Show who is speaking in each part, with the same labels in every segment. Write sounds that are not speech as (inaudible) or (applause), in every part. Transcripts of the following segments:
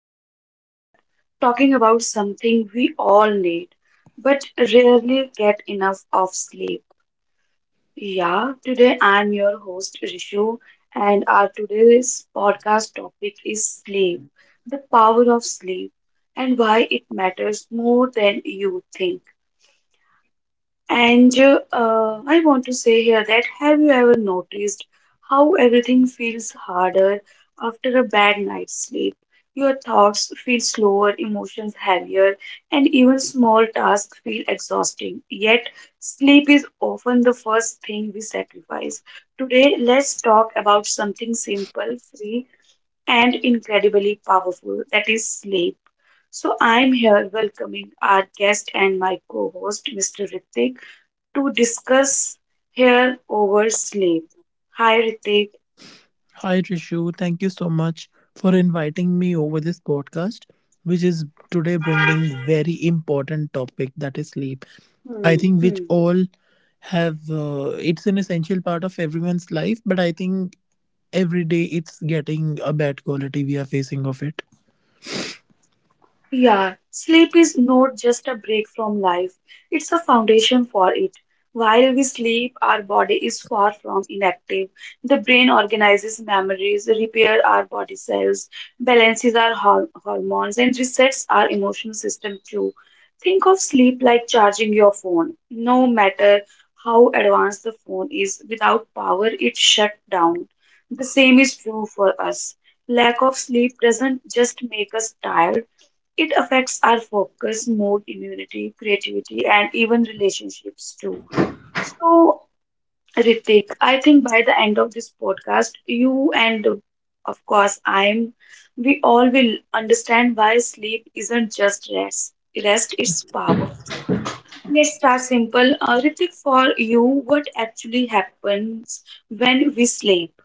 Speaker 1: Today we are talking about something we all need but rarely get enough of sleep. Yeah, today I'm your host Rishu and our today's podcast topic is sleep, the power of sleep and why it matters more than you think. And I want to say here that have you ever noticed how everything feels harder after a bad night's sleep? Your thoughts feel slower, emotions heavier, and even small tasks feel exhausting. Yet, sleep is often the first thing we sacrifice. Today, let's talk about something simple, free, and incredibly powerful that is sleep. So, I'm here welcoming our guest and my co host, Mr. Ritik to discuss here over sleep. Hi, Ritik.
Speaker 2: Hi, Trishu. Thank you so much for inviting me over this podcast, which is today bringing very important topic that is sleep. I
Speaker 1: Hmm.
Speaker 2: think which
Speaker 1: Hmm.
Speaker 2: all have it's an essential part of everyone's life, but I think every day it's getting a bad quality we are facing of it.
Speaker 1: Yeah, sleep is not just a break from life, it's a foundation for it. While we sleep, our body is far from inactive. The brain organizes memories, repairs our body cells, balances our hormones, and resets our emotional system too. Think of sleep like charging your phone. No matter how advanced the phone is, without power, it shuts down. The same is true for us. Lack of sleep doesn't just make us tired, it affects our focus, mood, immunity, creativity, and even relationships too. So, Ritik, I think by the end of this podcast, you and of course I'm, we all will understand why sleep isn't just rest. Rest is power. Let's start simple. Ritik, for you, what actually happens when we sleep?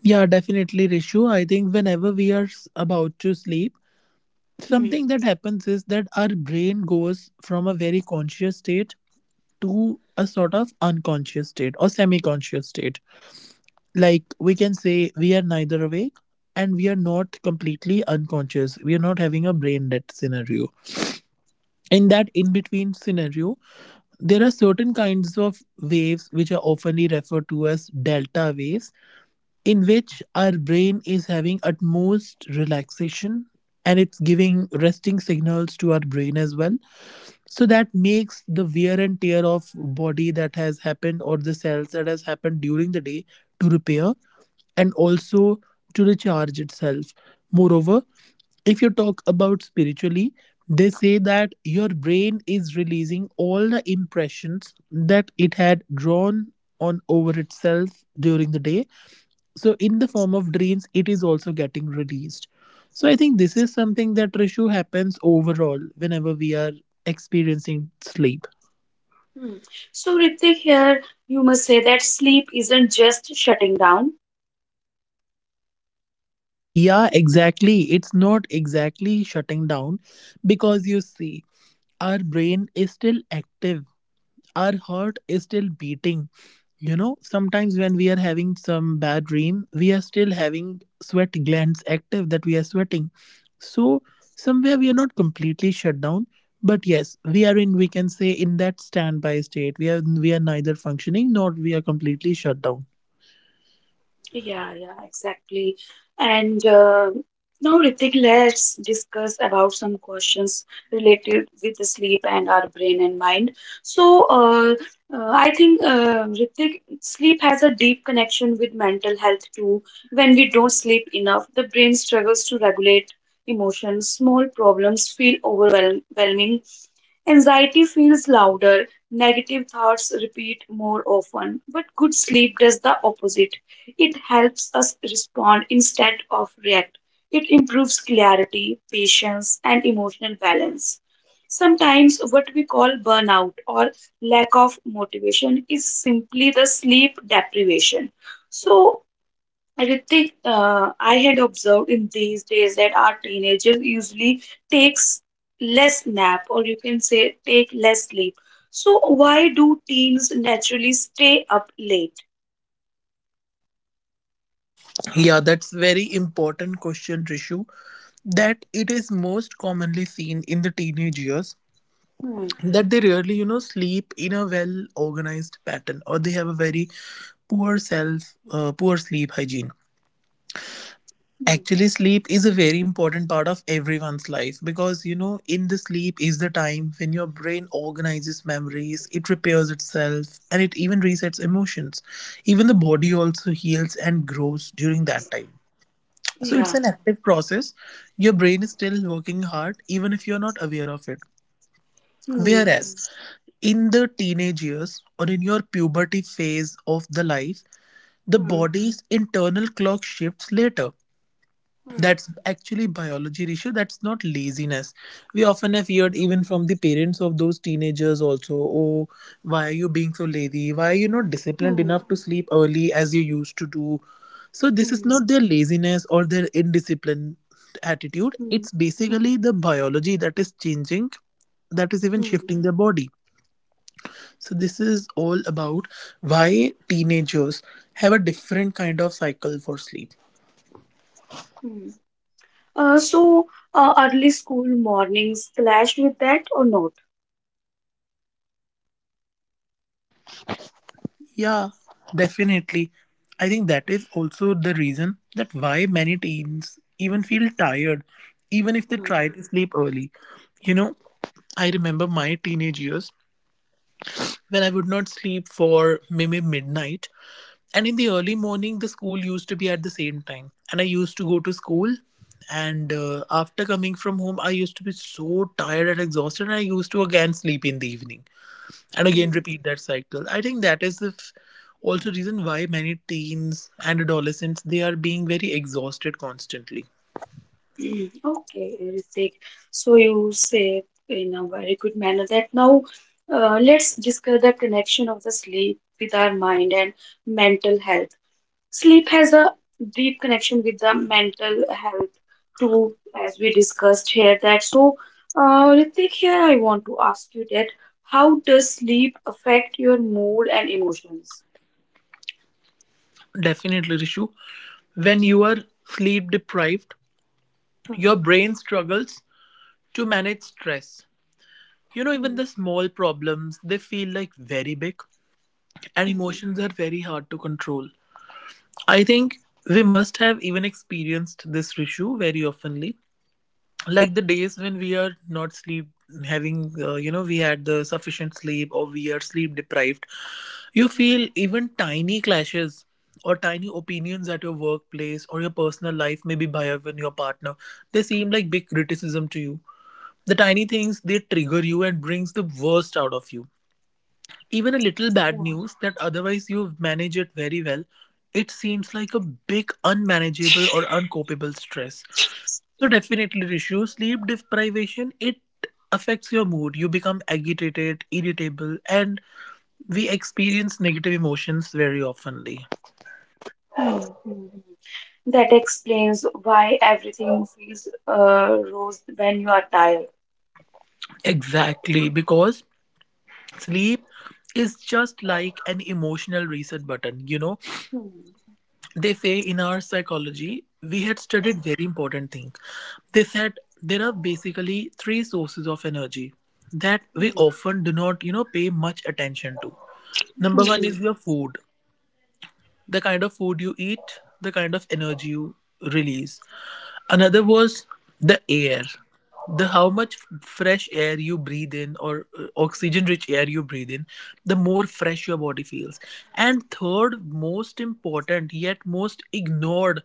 Speaker 2: Yeah, definitely, Rishu. I think whenever we are s- about to sleep,
Speaker 1: Hmm.
Speaker 2: something that happens is that our brain goes from a very conscious state to a sort of unconscious state or semi conscious state. Like we can say we are neither awake and we are not completely unconscious. We are not having a brain dead scenario. In that in between scenario, there are certain kinds of waves which are oftenly referred to as delta waves in which our brain is having utmost relaxation, and it's giving resting signals to our brain as well, so that makes the wear and tear of body that has happened or the cells that has happened during the day to repair and also to recharge itself. Moreover, if you talk about spiritually, they say that your brain is releasing all the impressions that it had drawn on over itself during the day, so in the form of dreams it is also getting released. So I think this is something that, Rishu, happens overall whenever we are experiencing sleep.
Speaker 1: Hmm. So, Ritik, here you must say that sleep isn't just shutting down.
Speaker 2: Yeah, exactly, it's not exactly shutting down, because you see our brain is still active, our heart is still beating. You know, sometimes when we are having some bad dream, we are still having sweat glands active that we are sweating. So, somewhere we are not completely shut down, but yes, we are in, we can say, in that standby state. We are neither functioning nor we are completely shut down.
Speaker 1: Yeah, yeah, exactly. And now, Ritik, let's discuss about some questions related with the sleep and our brain and mind. So, uh, I think, Ritik, sleep has a deep connection with mental health too. When we don't sleep enough, the brain struggles to regulate emotions. Small problems feel overwhelming, anxiety feels louder, negative thoughts repeat more often, but good sleep does the opposite. It helps us respond instead of react. It improves clarity, patience, and emotional balance. Sometimes, what we call burnout or lack of motivation is simply the sleep deprivation. So, Ritik, I had observed in these days that our teenagers usually takes less nap, or you can say take less sleep. So why do teens naturally stay up late?
Speaker 2: Yeah, that's very important question, Rishu. That it is most commonly seen in the teenage years
Speaker 1: Hmm.
Speaker 2: that they rarely, you know, sleep in a well organized pattern, or they have a very poor self poor sleep hygiene.
Speaker 1: Hmm.
Speaker 2: Actually sleep is a very important part of everyone's life, because you know in the sleep is the time when your brain organizes memories, it repairs itself, and it even resets emotions. Even the body also heals and grows during that time. So
Speaker 1: Yeah.
Speaker 2: it's an active process, your brain is still working hard even if you're not aware of it.
Speaker 1: Hmm.
Speaker 2: Whereas in the teenage years or in your puberty phase of the life, the
Speaker 1: Hmm.
Speaker 2: body's internal clock shifts later.
Speaker 1: Hmm.
Speaker 2: That's actually biology, Rishu. That's not laziness. We often have heard
Speaker 1: Hmm.
Speaker 2: even from the parents of those teenagers also, oh, why are you being so lazy? Why are you not disciplined
Speaker 1: Hmm.
Speaker 2: enough to sleep early as you used to do? So this is
Speaker 1: Hmm.
Speaker 2: not their laziness or their indiscipline attitude.
Speaker 1: Hmm.
Speaker 2: It's basically the biology that is changing, that is even
Speaker 1: Hmm.
Speaker 2: shifting their body. So this is all about why teenagers have a different kind of cycle for sleep.
Speaker 1: Hmm. Uh, so early school mornings clash with that or not?
Speaker 2: Yeah, definitely. I think that is also the reason that why many teens even feel tired even if they try to sleep early. You know, I remember my teenage years when I would not sleep for maybe midnight. And in the early morning, the school used to be at the same time. And I used to go to school. And after coming from home, I used to be so tired and exhausted. And I used to again sleep in the evening and again
Speaker 1: Hmm.
Speaker 2: repeat that cycle. I think that is the f- also reason why many teens and adolescents they are being very exhausted constantly.
Speaker 1: Mm, okay, Ritik. So you say in a very good manner that now, let's discuss the connection of the sleep with our mind and mental health. Sleep has a deep connection with the mental health too, as we discussed here that. So, Ritik, here I want to ask you that how does sleep affect your mood and emotions?
Speaker 2: Definitely, Rishu, when you are sleep deprived,
Speaker 1: Hmm,
Speaker 2: your brain struggles to manage stress. You know, even
Speaker 1: hmm,
Speaker 2: the small problems, they feel like very big, and
Speaker 1: hmm,
Speaker 2: emotions are very hard to control. I think we must have even experienced this issue very oftenly. Like the days when we are not sleep having, you know, we had the sufficient sleep or we are sleep deprived, you feel even tiny clashes or tiny opinions at your workplace or your personal life, maybe by even your partner, they seem like big criticism to you. The tiny things they trigger you and brings the worst out of you, even a little
Speaker 1: hmm,
Speaker 2: bad
Speaker 1: hmm,
Speaker 2: news that otherwise you manage it very well, it seems like a big unmanageable or uncopable stress. So definitely, Rishu, sleep deprivation, it affects your mood. You become agitated, irritable, and we experience negative emotions very oftenly.
Speaker 1: hmm, hmm. That explains why everything feels rose when you are tired.
Speaker 2: Exactly, because sleep is just like an emotional reset button. You know,
Speaker 1: Hmm.
Speaker 2: they say in our psychology we had studied very important thing. They said there are basically three sources of energy that we
Speaker 1: Hmm.
Speaker 2: often do not, you know, pay much attention to. Number one
Speaker 1: Hmm.
Speaker 2: is your food, the kind of food you eat, the kind of energy you release. Another was the air, the how much f- fresh air you breathe in, or oxygen rich air you breathe in, the more fresh your body feels. And third, most important yet most ignored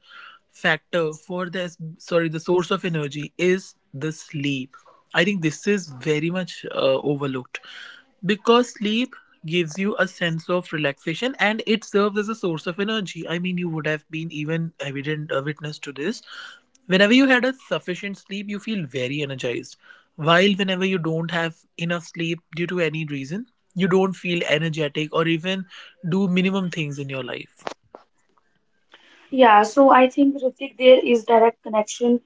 Speaker 2: factor for this, sorry, the source of energy is the sleep. I think this is very much overlooked because sleep gives you a sense of relaxation and it serves as a source of energy. I mean, you would have been even evident witness to this. Whenever you had a sufficient sleep, you feel very energized. While whenever you don't have enough sleep due to any reason, you don't feel energetic or even do minimum things in your life.
Speaker 1: Yeah, so I think Ritik, there is direct connection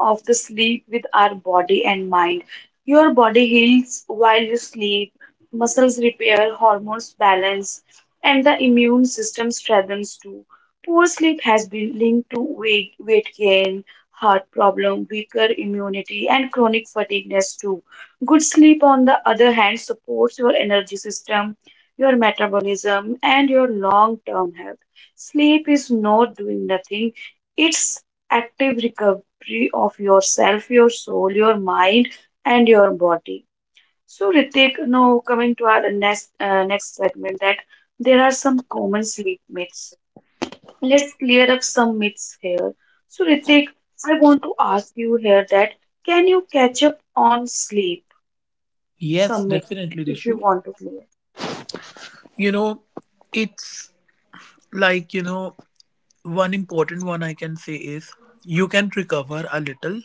Speaker 1: of the sleep with our body and mind. Your body heals while you sleep, muscles repair, hormones balance, and the immune system strengthens too. Poor sleep has been linked to weight gain, heart problem, weaker immunity, and chronic fatigueness too. Good sleep, on the other hand, supports your energy system, your metabolism, and your long-term health. Sleep is not doing nothing, it's active recovery of yourself, your soul, your mind, and your body. So, Ritik, now coming to our next segment, that there are some common sleep myths. Let's clear up some myths here. So, Ritik, I want to ask you here that can you catch up on sleep?
Speaker 2: Yes,
Speaker 1: Some myths,
Speaker 2: definitely,
Speaker 1: if you
Speaker 2: Rishu.
Speaker 1: want to clear.
Speaker 2: You know, it's like, you know, one important one I can say is you can recover a little,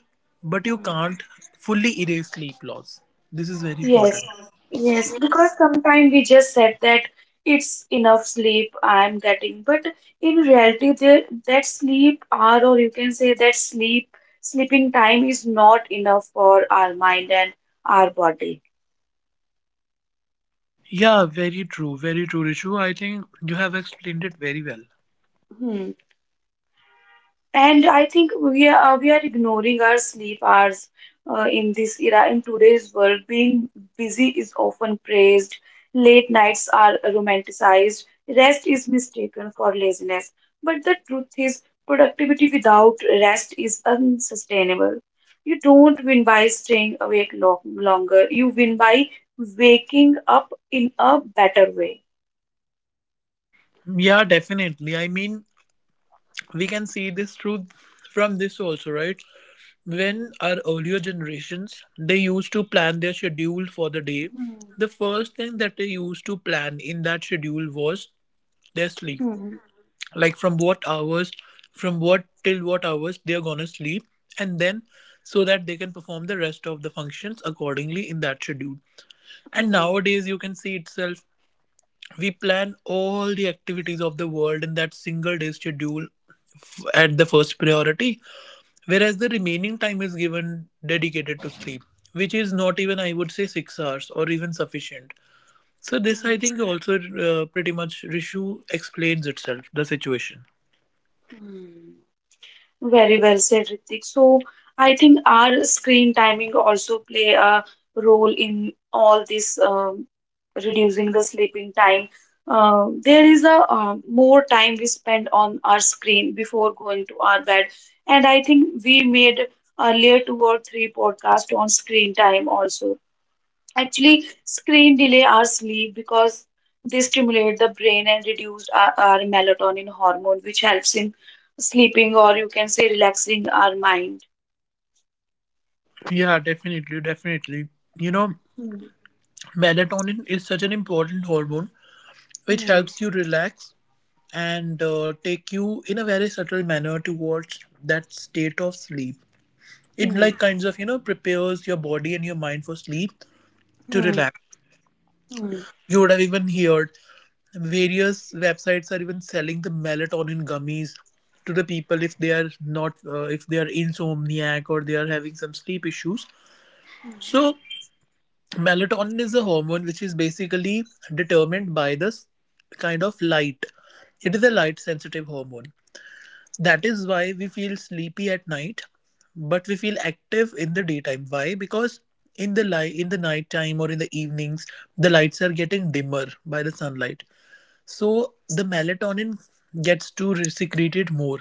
Speaker 2: but you can't fully erase sleep loss. This is very
Speaker 1: Yes,
Speaker 2: important.
Speaker 1: yes, because sometimes we just said that it's enough sleep I'm getting, but in reality, that sleep hour, or you can say that sleeping time is not enough for our mind and our body.
Speaker 2: Yeah, very true, Rishu. I think you have explained it very well.
Speaker 1: Hmm. And I think we are ignoring our sleep hours in this era. In today's world, being busy is often praised. Late nights are romanticized. Rest is mistaken for laziness. But the truth is, productivity without rest is unsustainable. You don't win by staying awake lo longer. You win by waking up in a better way.
Speaker 2: Yeah, definitely. I mean, we can see this truth from this also, right? When our earlier generations they used to plan their schedule for the day,
Speaker 1: Hmm.
Speaker 2: the first thing that they used to plan in that schedule was their sleep.
Speaker 1: Hmm.
Speaker 2: Like from what hours, from what till what hours they're gonna sleep, and then so that they can perform the rest of the functions accordingly in that schedule. And
Speaker 1: Hmm.
Speaker 2: nowadays you can see itself, we plan all the activities of the world in that single day schedule f- at the first priority, whereas the remaining time is given dedicated to sleep, which is not even, I would say, 6 hours or even sufficient. So this I think also pretty much, Rishu, explains itself the situation.
Speaker 1: Hmm. Very well said, Ritik. So I think our screen timing also play a role in all this reducing the sleeping time. There is a more time we spend on our screen before going to our bed, and I think we made earlier two or three podcast on screen time also. Actually, screen delay our sleep because they stimulate the brain and reduce our melatonin hormone, which helps in sleeping or you can say relaxing our mind.
Speaker 2: Yeah, definitely, definitely. You know,
Speaker 1: Hmm,
Speaker 2: melatonin is such an important hormone which
Speaker 1: hmm,
Speaker 2: helps you relax and take you in a very subtle manner towards that state of sleep. It
Speaker 1: hmm,
Speaker 2: like kinds of, you know, prepares your body and your mind for sleep to
Speaker 1: hmm,
Speaker 2: relax.
Speaker 1: hmm,
Speaker 2: You would have even heard various websites are even selling the melatonin gummies to the people if they are not if they are insomniac or they are having some sleep issues.
Speaker 1: hmm,
Speaker 2: So melatonin is a hormone which is basically determined by this kind of light. It is a light sensitive hormone. That is why we feel sleepy at night but we feel active in the daytime. Why? Because in the light, in the night time or in the evenings, the lights are getting dimmer by the sunlight, so the melatonin gets to re- secrete it more.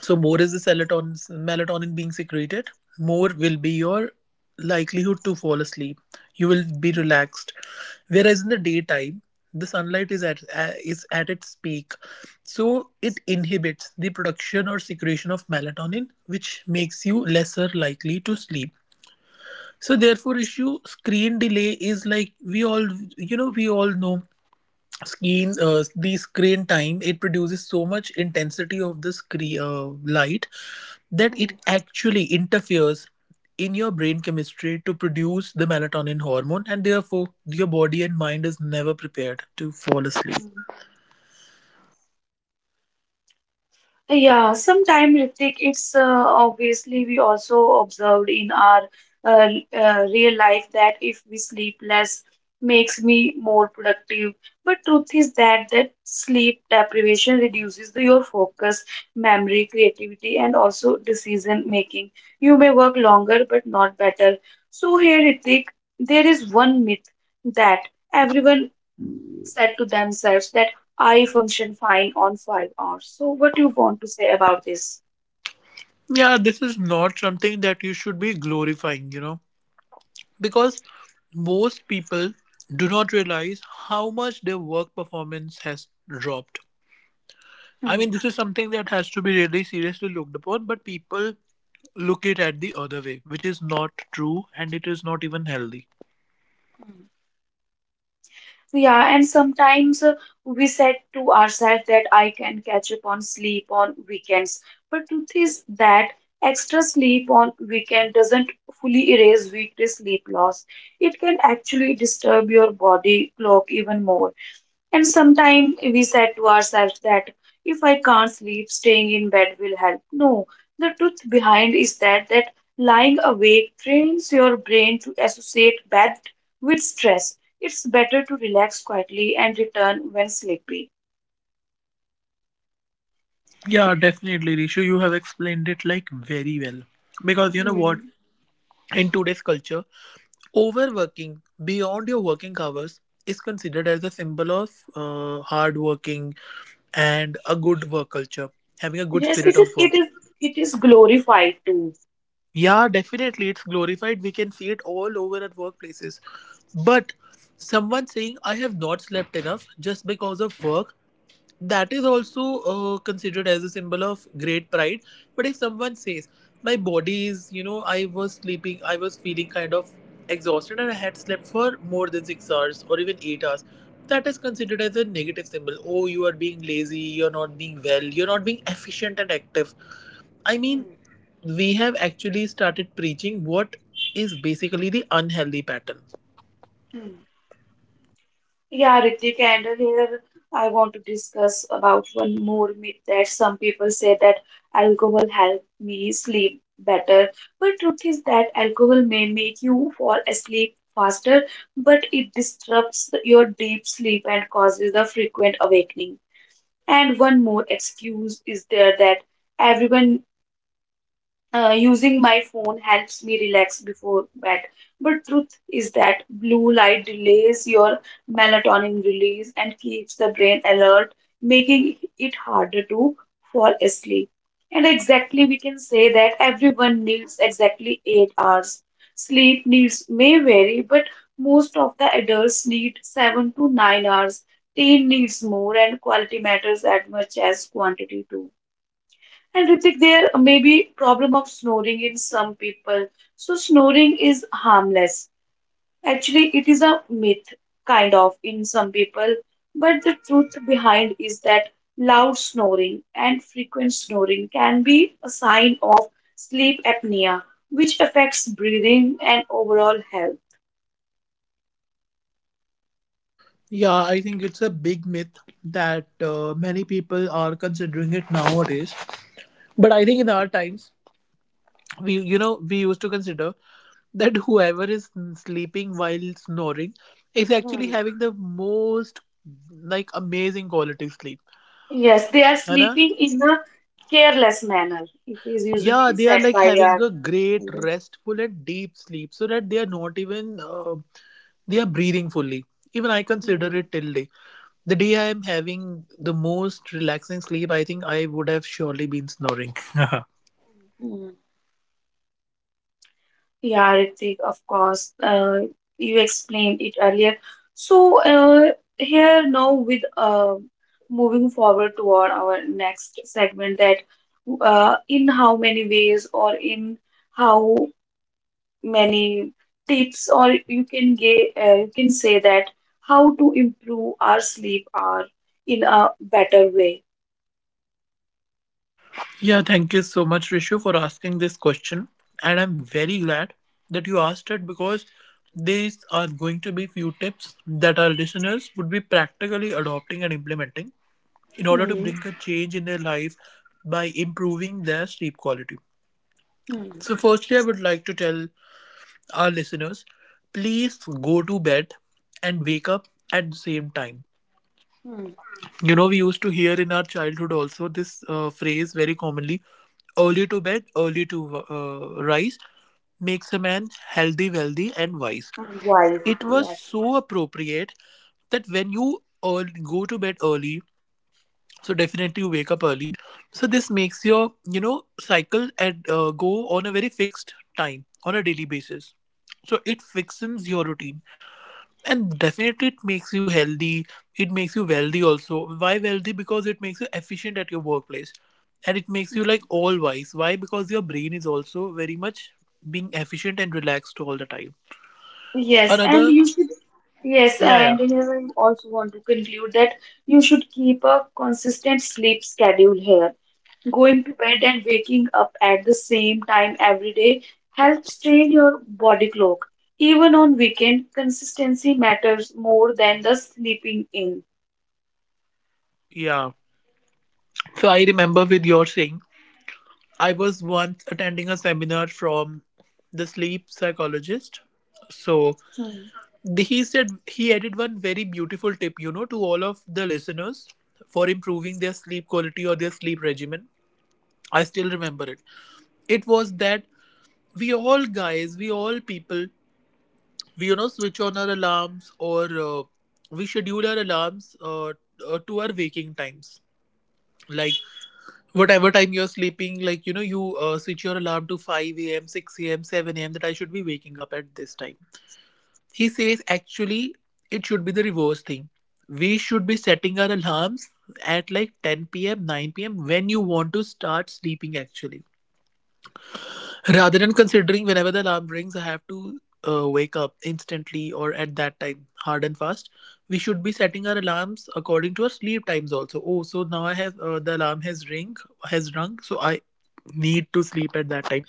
Speaker 2: So more is the serotonin melatonin being secreted, more will be your likelihood to fall asleep. You will be relaxed. Whereas in the daytime, the sunlight is at its peak, so it inhibits the production or secretion of melatonin, which makes you lesser likely to sleep. So therefore, issue screen delay is like, we all, you know, we all know screen the screen time it produces so much intensity of the screen light that it actually interferes in your brain chemistry to produce the melatonin hormone, and therefore your body and mind is never prepared to fall asleep.
Speaker 1: hmm. Yeah, sometime Ritik, it's obviously we also observed in our uh, real life that if we sleep less makes me more productive. But truth is that that sleep deprivation reduces your focus, memory, creativity, and also decision making. You may work longer but not better. So here, Ritik, there is one myth that everyone said to themselves that I function fine on 5 hours. So, what do you want to say about this?
Speaker 2: Yeah, this is not something that you should be glorifying, you know, because most people do not realize how much their work performance has dropped. I
Speaker 1: Hmm,
Speaker 2: mean, this is something that has to be really seriously looked upon, but people look it at the other way, which is not true and it is not even healthy.
Speaker 1: hmm. Yeah, and sometimes we said to ourselves that I can catch up on sleep on weekends. But truth is that extra sleep on weekend doesn't fully erase weekday sleep loss. It can actually disturb your body clock even more. And sometimes we said to ourselves that if I can't sleep, staying in bed will help. No, the truth behind is that that lying awake trains your brain to associate bed with stress. It's better to relax quietly and return when sleepy.
Speaker 2: Yeah, definitely, Rishu. You have explained it like very well. Because you know what?
Speaker 1: Hmm.
Speaker 2: In today's culture, overworking beyond your working hours is considered as a symbol of hard working and a good work culture, having a good
Speaker 1: Yes, it
Speaker 2: spirit
Speaker 1: is.
Speaker 2: of work.
Speaker 1: It is. It is glorified too.
Speaker 2: Yeah, definitely. It's glorified. We can see it all over at workplaces. But someone saying, "I have not slept enough just because of work," that is also considered as a symbol of great pride. But if someone says, "My body is, I was sleeping, I was feeling kind of exhausted and I had slept for more than 6 hours or even 8 hours," that is considered as a negative symbol. Oh, you are being lazy, you're not being well, you're not being efficient and active. I mean, we have actually started preaching what is basically the unhealthy pattern.
Speaker 1: Yeah, Ritik, and here I want to discuss about one more myth that some people say that alcohol helped me sleep better. But truth is that alcohol may make you fall asleep faster, but it disrupts your deep sleep and causes a frequent awakening. And one more excuse is there that everyone, using my phone helps me relax before bed. But truth is that blue light delays your melatonin release and keeps the brain alert, making it harder to fall asleep. And exactly, we can say that everyone needs exactly 8 hours. Sleep needs may vary, but most of the adults need 7 to 9 hours. Teen needs more, and quality matters as much as quantity too. And Ritik, there may be problem of snoring in some people. So snoring is harmless. Actually, it is a myth, kind of, in some people. But the truth behind is that loud snoring and frequent snoring can be a sign of sleep apnea, which affects breathing and overall health.
Speaker 2: Yeah, I think it's a big myth that many people are considering it nowadays. But I think in our times, we you know we used to consider that whoever is sleeping while snoring is actually
Speaker 1: Hmm.
Speaker 2: having the most like amazing quality sleep.
Speaker 1: Yes, they are
Speaker 2: है ना?
Speaker 1: sleeping in a careless manner. It is
Speaker 2: Yeah,
Speaker 1: usually
Speaker 2: they are
Speaker 1: said
Speaker 2: like
Speaker 1: by
Speaker 2: having
Speaker 1: our
Speaker 2: a great
Speaker 1: elders.
Speaker 2: restful and deep sleep so that they are not even they are breathing fully. Even I consider
Speaker 1: Hmm.
Speaker 2: it till day, the day I am having the most relaxing sleep, I think I would have surely been snoring (laughs)
Speaker 1: Hmm. Yeah, Ritik, of course. You explained it earlier. So, here now with moving forward toward our next segment, that in how many ways or in how many tips or you can get, you can say that how to improve our sleep hour in a better way.
Speaker 2: yeah, thank you so much, Rishu, for asking this question, and I'm very glad that you asked it, because these are going to be few tips that our listeners would be practically adopting and implementing in order to
Speaker 1: Hmm.
Speaker 2: bring a change in their life by improving their sleep quality.
Speaker 1: Hmm.
Speaker 2: So, firstly, I would like to tell our listeners, please go to bed and wake up at the same time.
Speaker 1: Hmm.
Speaker 2: You know, we used to hear in our childhood also this phrase very commonly: early to bed, early to rise makes a man healthy, wealthy, and wise.
Speaker 1: And wise,
Speaker 2: It was
Speaker 1: yes.
Speaker 2: so appropriate that when you go to bed early, so definitely you wake up early, so this makes your, you know, cycle and go on a very fixed time on a daily basis. So it fixes your routine, and definitely it makes you healthy. It makes you wealthy also. Why wealthy? Because it makes you efficient at your workplace. And it makes you like all wise. Why? Because your brain is also very much being efficient and relaxed all the time.
Speaker 1: Yes, and
Speaker 2: Another,
Speaker 1: you should, yes,
Speaker 2: yeah, yeah,
Speaker 1: and here I also want to conclude that you should keep a consistent sleep schedule here. Going to bed and waking up at the same time every day helps train your body clock. Even on weekend, consistency matters more than the sleeping in.
Speaker 2: yeah. So I remember with your saying, I was once attending a seminar from the sleep psychologist. So
Speaker 1: Hmm.
Speaker 2: he said, he added one very beautiful tip, you know, to all of the listeners for improving their sleep quality or their sleep regimen. I still remember it. It was that we all people, we, switch on our alarms or we schedule our alarms, to our waking times. Like whatever time you're sleeping, like, you know, you set your alarm to 5 a.m, 6 a.m, 7 a.m, that I should be waking up at this time. He says, actually, it should be the reverse thing. We should be setting our alarms at like 10 p.m, 9 p.m, when you want to start sleeping actually. Rather than considering whenever the alarm rings, I have to wake up instantly or at that time, hard and fast, we should be setting our alarms according to our sleep times also. Oh, so now I have, the alarm has ring has rung, so I need to sleep at that time.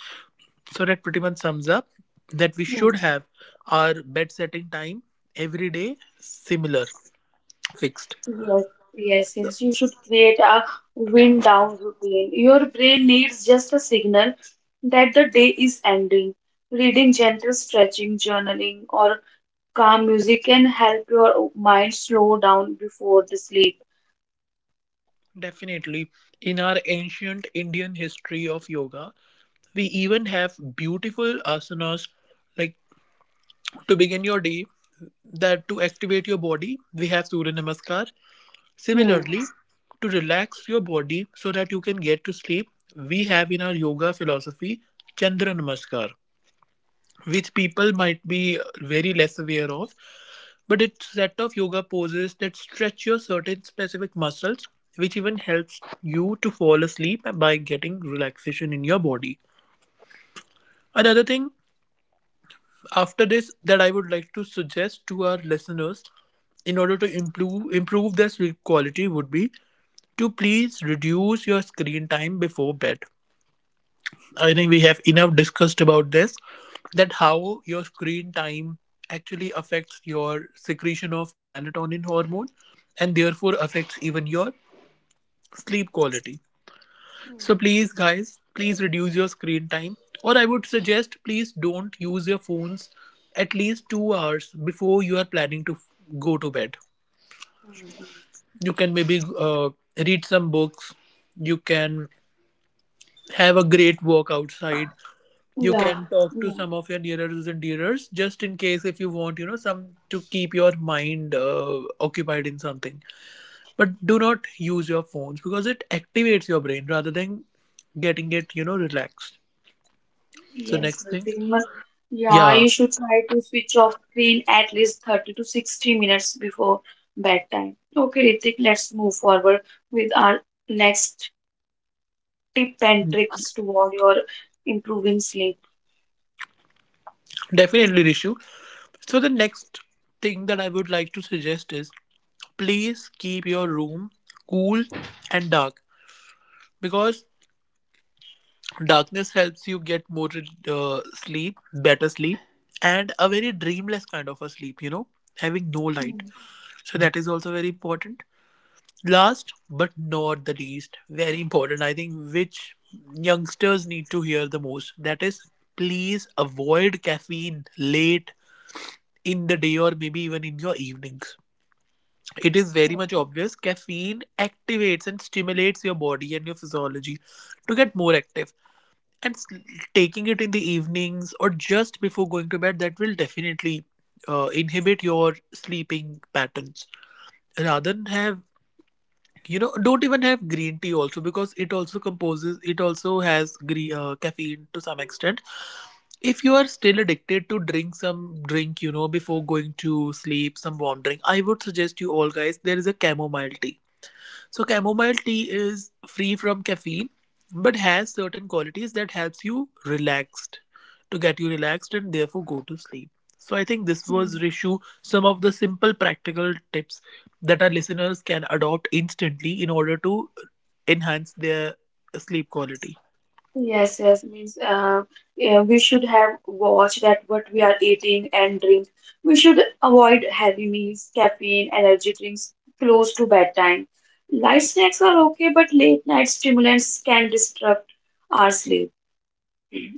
Speaker 2: So that pretty much sums up that we
Speaker 1: Hmm.
Speaker 2: should have our bed setting time every day similar, fixed.
Speaker 1: Yes, yes,
Speaker 2: So.
Speaker 1: yes. You should create a wind down routine. Your brain needs just a signal that the day is ending. Reading, gentle stretching, journaling, or calm music can help your mind slow down before the sleep.
Speaker 2: Definitely. In our ancient Indian history of yoga, we even have beautiful asanas like, to begin your day, that to activate your body, we have surya namaskar. Similarly, to relax your body so that you can get to sleep, we have in our yoga philosophy chandra namaskar, which people might be very less aware of. But it's a set of yoga poses that stretch your certain specific muscles, which even helps you to fall asleep by getting relaxation in your body. Another thing after this that I would like to suggest to our listeners in order to improve their sleep quality would be to please reduce your screen time before bed. I think we have enough discussed about this, that how your screen time actually affects your secretion of melatonin hormone and therefore affects even your sleep quality. So please, guys, please reduce your screen time. Or I would suggest, please don't use your phones at least 2 hours before you are planning to go to bed. You can maybe read some books. You can have a great walk outside. You
Speaker 1: Yeah,
Speaker 2: can talk to
Speaker 1: yeah.
Speaker 2: some of your nearers and dearers, just in case if you want, you know, some to keep your mind occupied in something. But do not use your phones, because it activates your brain rather than getting it, you know, relaxed. So
Speaker 1: Yes,
Speaker 2: next thing.
Speaker 1: nothing much. Yeah,
Speaker 2: Yeah,
Speaker 1: you should try to switch off screen at least 30 to 60 minutes before bedtime. Okay, Ritik, let's move forward with our next tip and tricks to all your improving sleep?
Speaker 2: definitely, Rishu. So, the next thing that I would like to suggest is please keep your room cool and dark, because darkness helps you get more sleep, better sleep, and a very dreamless kind of a sleep, you know, having no light.
Speaker 1: Hmm.
Speaker 2: So, that is also very important. Last but not the least, very important, I think, which youngsters need to hear the most, that is, please avoid caffeine late in the day or maybe even in your evenings. It is very much
Speaker 1: Okay.
Speaker 2: obvious caffeine activates and stimulates your body and your physiology to get more active. And taking it in the evenings or just before going to bed, that will definitely inhibit your sleeping patterns. Rather than have, you know, don't even have green tea also, because it also composes, it also has caffeine to some extent. If you are still addicted to drink some drink, you know, before going to sleep, some warm drink, I would suggest, you all guys, there is a chamomile tea. So chamomile tea is free from caffeine but has certain qualities that helps you relaxed, to get you relaxed and therefore go to sleep. So I think this was,
Speaker 1: Hmm.
Speaker 2: Rishu, some of the simple practical tips that our listeners can adopt instantly in order to enhance their sleep quality.
Speaker 1: Yes, yes, means yeah, we should have watched that what we are eating and drink. We should avoid heavy meals, caffeine, energy drinks close to bedtime. Light snacks are okay, but late night stimulants can disrupt our sleep.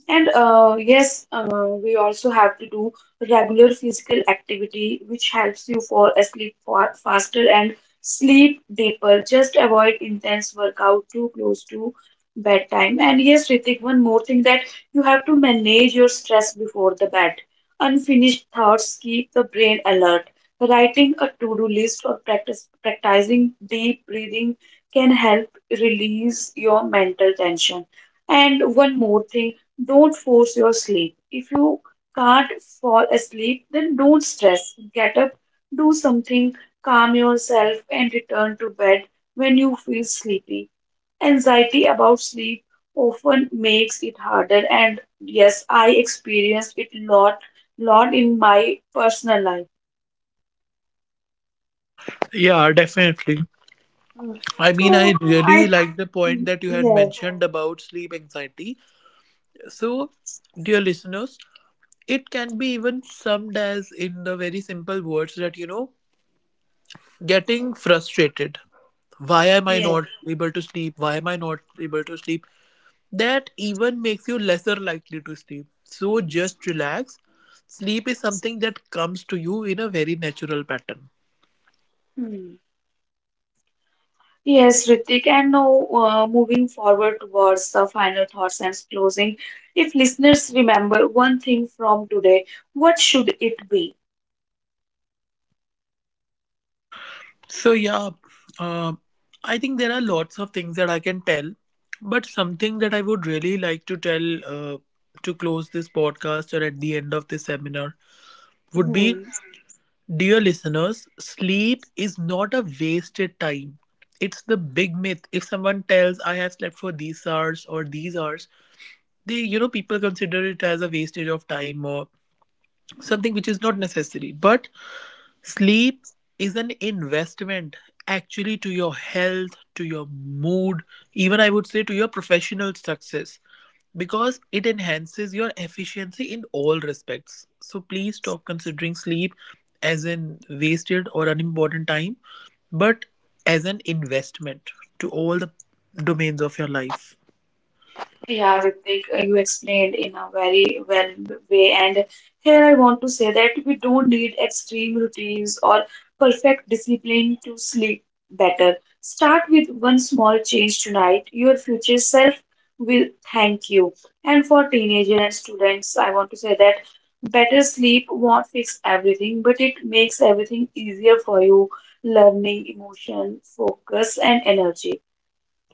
Speaker 1: We also have to do regular physical activity, which helps you fall asleep faster and sleep deeper. Just avoid intense workout too close to bedtime. And yes, Ritik, one more thing that you have to manage your stress before the bed. Unfinished thoughts keep the brain alert. Writing a to-do list or practice practicing deep breathing can help release your mental tension. And one more thing, don't force your sleep. If you can't fall asleep, then don't stress. Get up, do something, calm yourself, and return to bed when you feel sleepy. Anxiety about sleep often makes it harder, and yes, I experienced it lot in my personal life.
Speaker 2: Yeah, definitely.
Speaker 1: Hmm.
Speaker 2: I mean, I
Speaker 1: So
Speaker 2: really
Speaker 1: I,
Speaker 2: like the point that you had
Speaker 1: yes,
Speaker 2: mentioned about sleep anxiety. So, dear listeners, it can be even summed as in the very simple words that, you know, getting frustrated. Why am I
Speaker 1: yes.
Speaker 2: not able to sleep? Why am I not able to sleep? That even makes you lesser likely to sleep. So, just relax. Sleep is something that comes to you in a very natural pattern.
Speaker 1: Hmm. Yes, Ritik, and now, moving forward towards the final thoughts and closing, if listeners remember one thing from today, what should it be?
Speaker 2: So yeah, uh, I think there are lots of things that I can tell, but something that I would really like to tell, uh, to close this podcast or at the end of this seminar would be,
Speaker 1: Hmm.
Speaker 2: dear listeners, sleep is not a wasted time. It's the big myth. If someone tells I have slept for these hours or these hours, they, you know, people consider it as a wastage of time or something which is not necessary. But sleep is an investment, actually, to your health, to your mood, even I would say to your professional success, because it enhances your efficiency in all respects. So please stop considering sleep as an wasted or unimportant time, but as an investment to all the domains of your life.
Speaker 1: Yeah, Ritik, you explained in a very well way, and here I want to say that we don't need extreme routines or perfect discipline to sleep better. Start with one small change tonight. Your future self will thank you. And for teenagers and students, I want to say that better sleep won't fix everything, but it makes everything easier for you, learning, emotion, focus, and energy.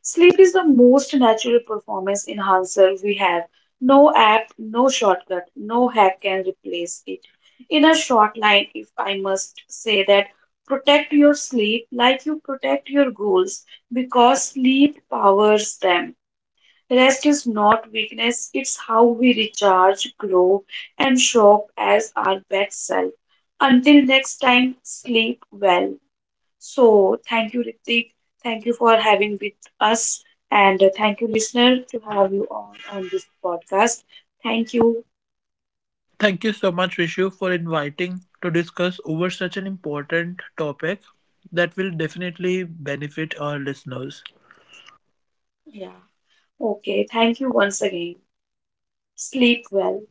Speaker 1: Sleep is the most natural performance enhancer we have. No app, no shortcut, no hack can replace it. In a short line, if I must say that, protect your sleep like you protect your goals because sleep powers them. Rest is not weakness, it's how we recharge, grow, and show up as our best self. Until next time, sleep well. So thank you, Ritik. Thank you for having with us, and thank you, listener, to have you on this podcast. Thank you.
Speaker 2: Thank you so much, Rishu, for inviting to discuss over such an important topic that will definitely benefit our listeners.
Speaker 1: Yeah. Okay. Thank you once again. Sleep well.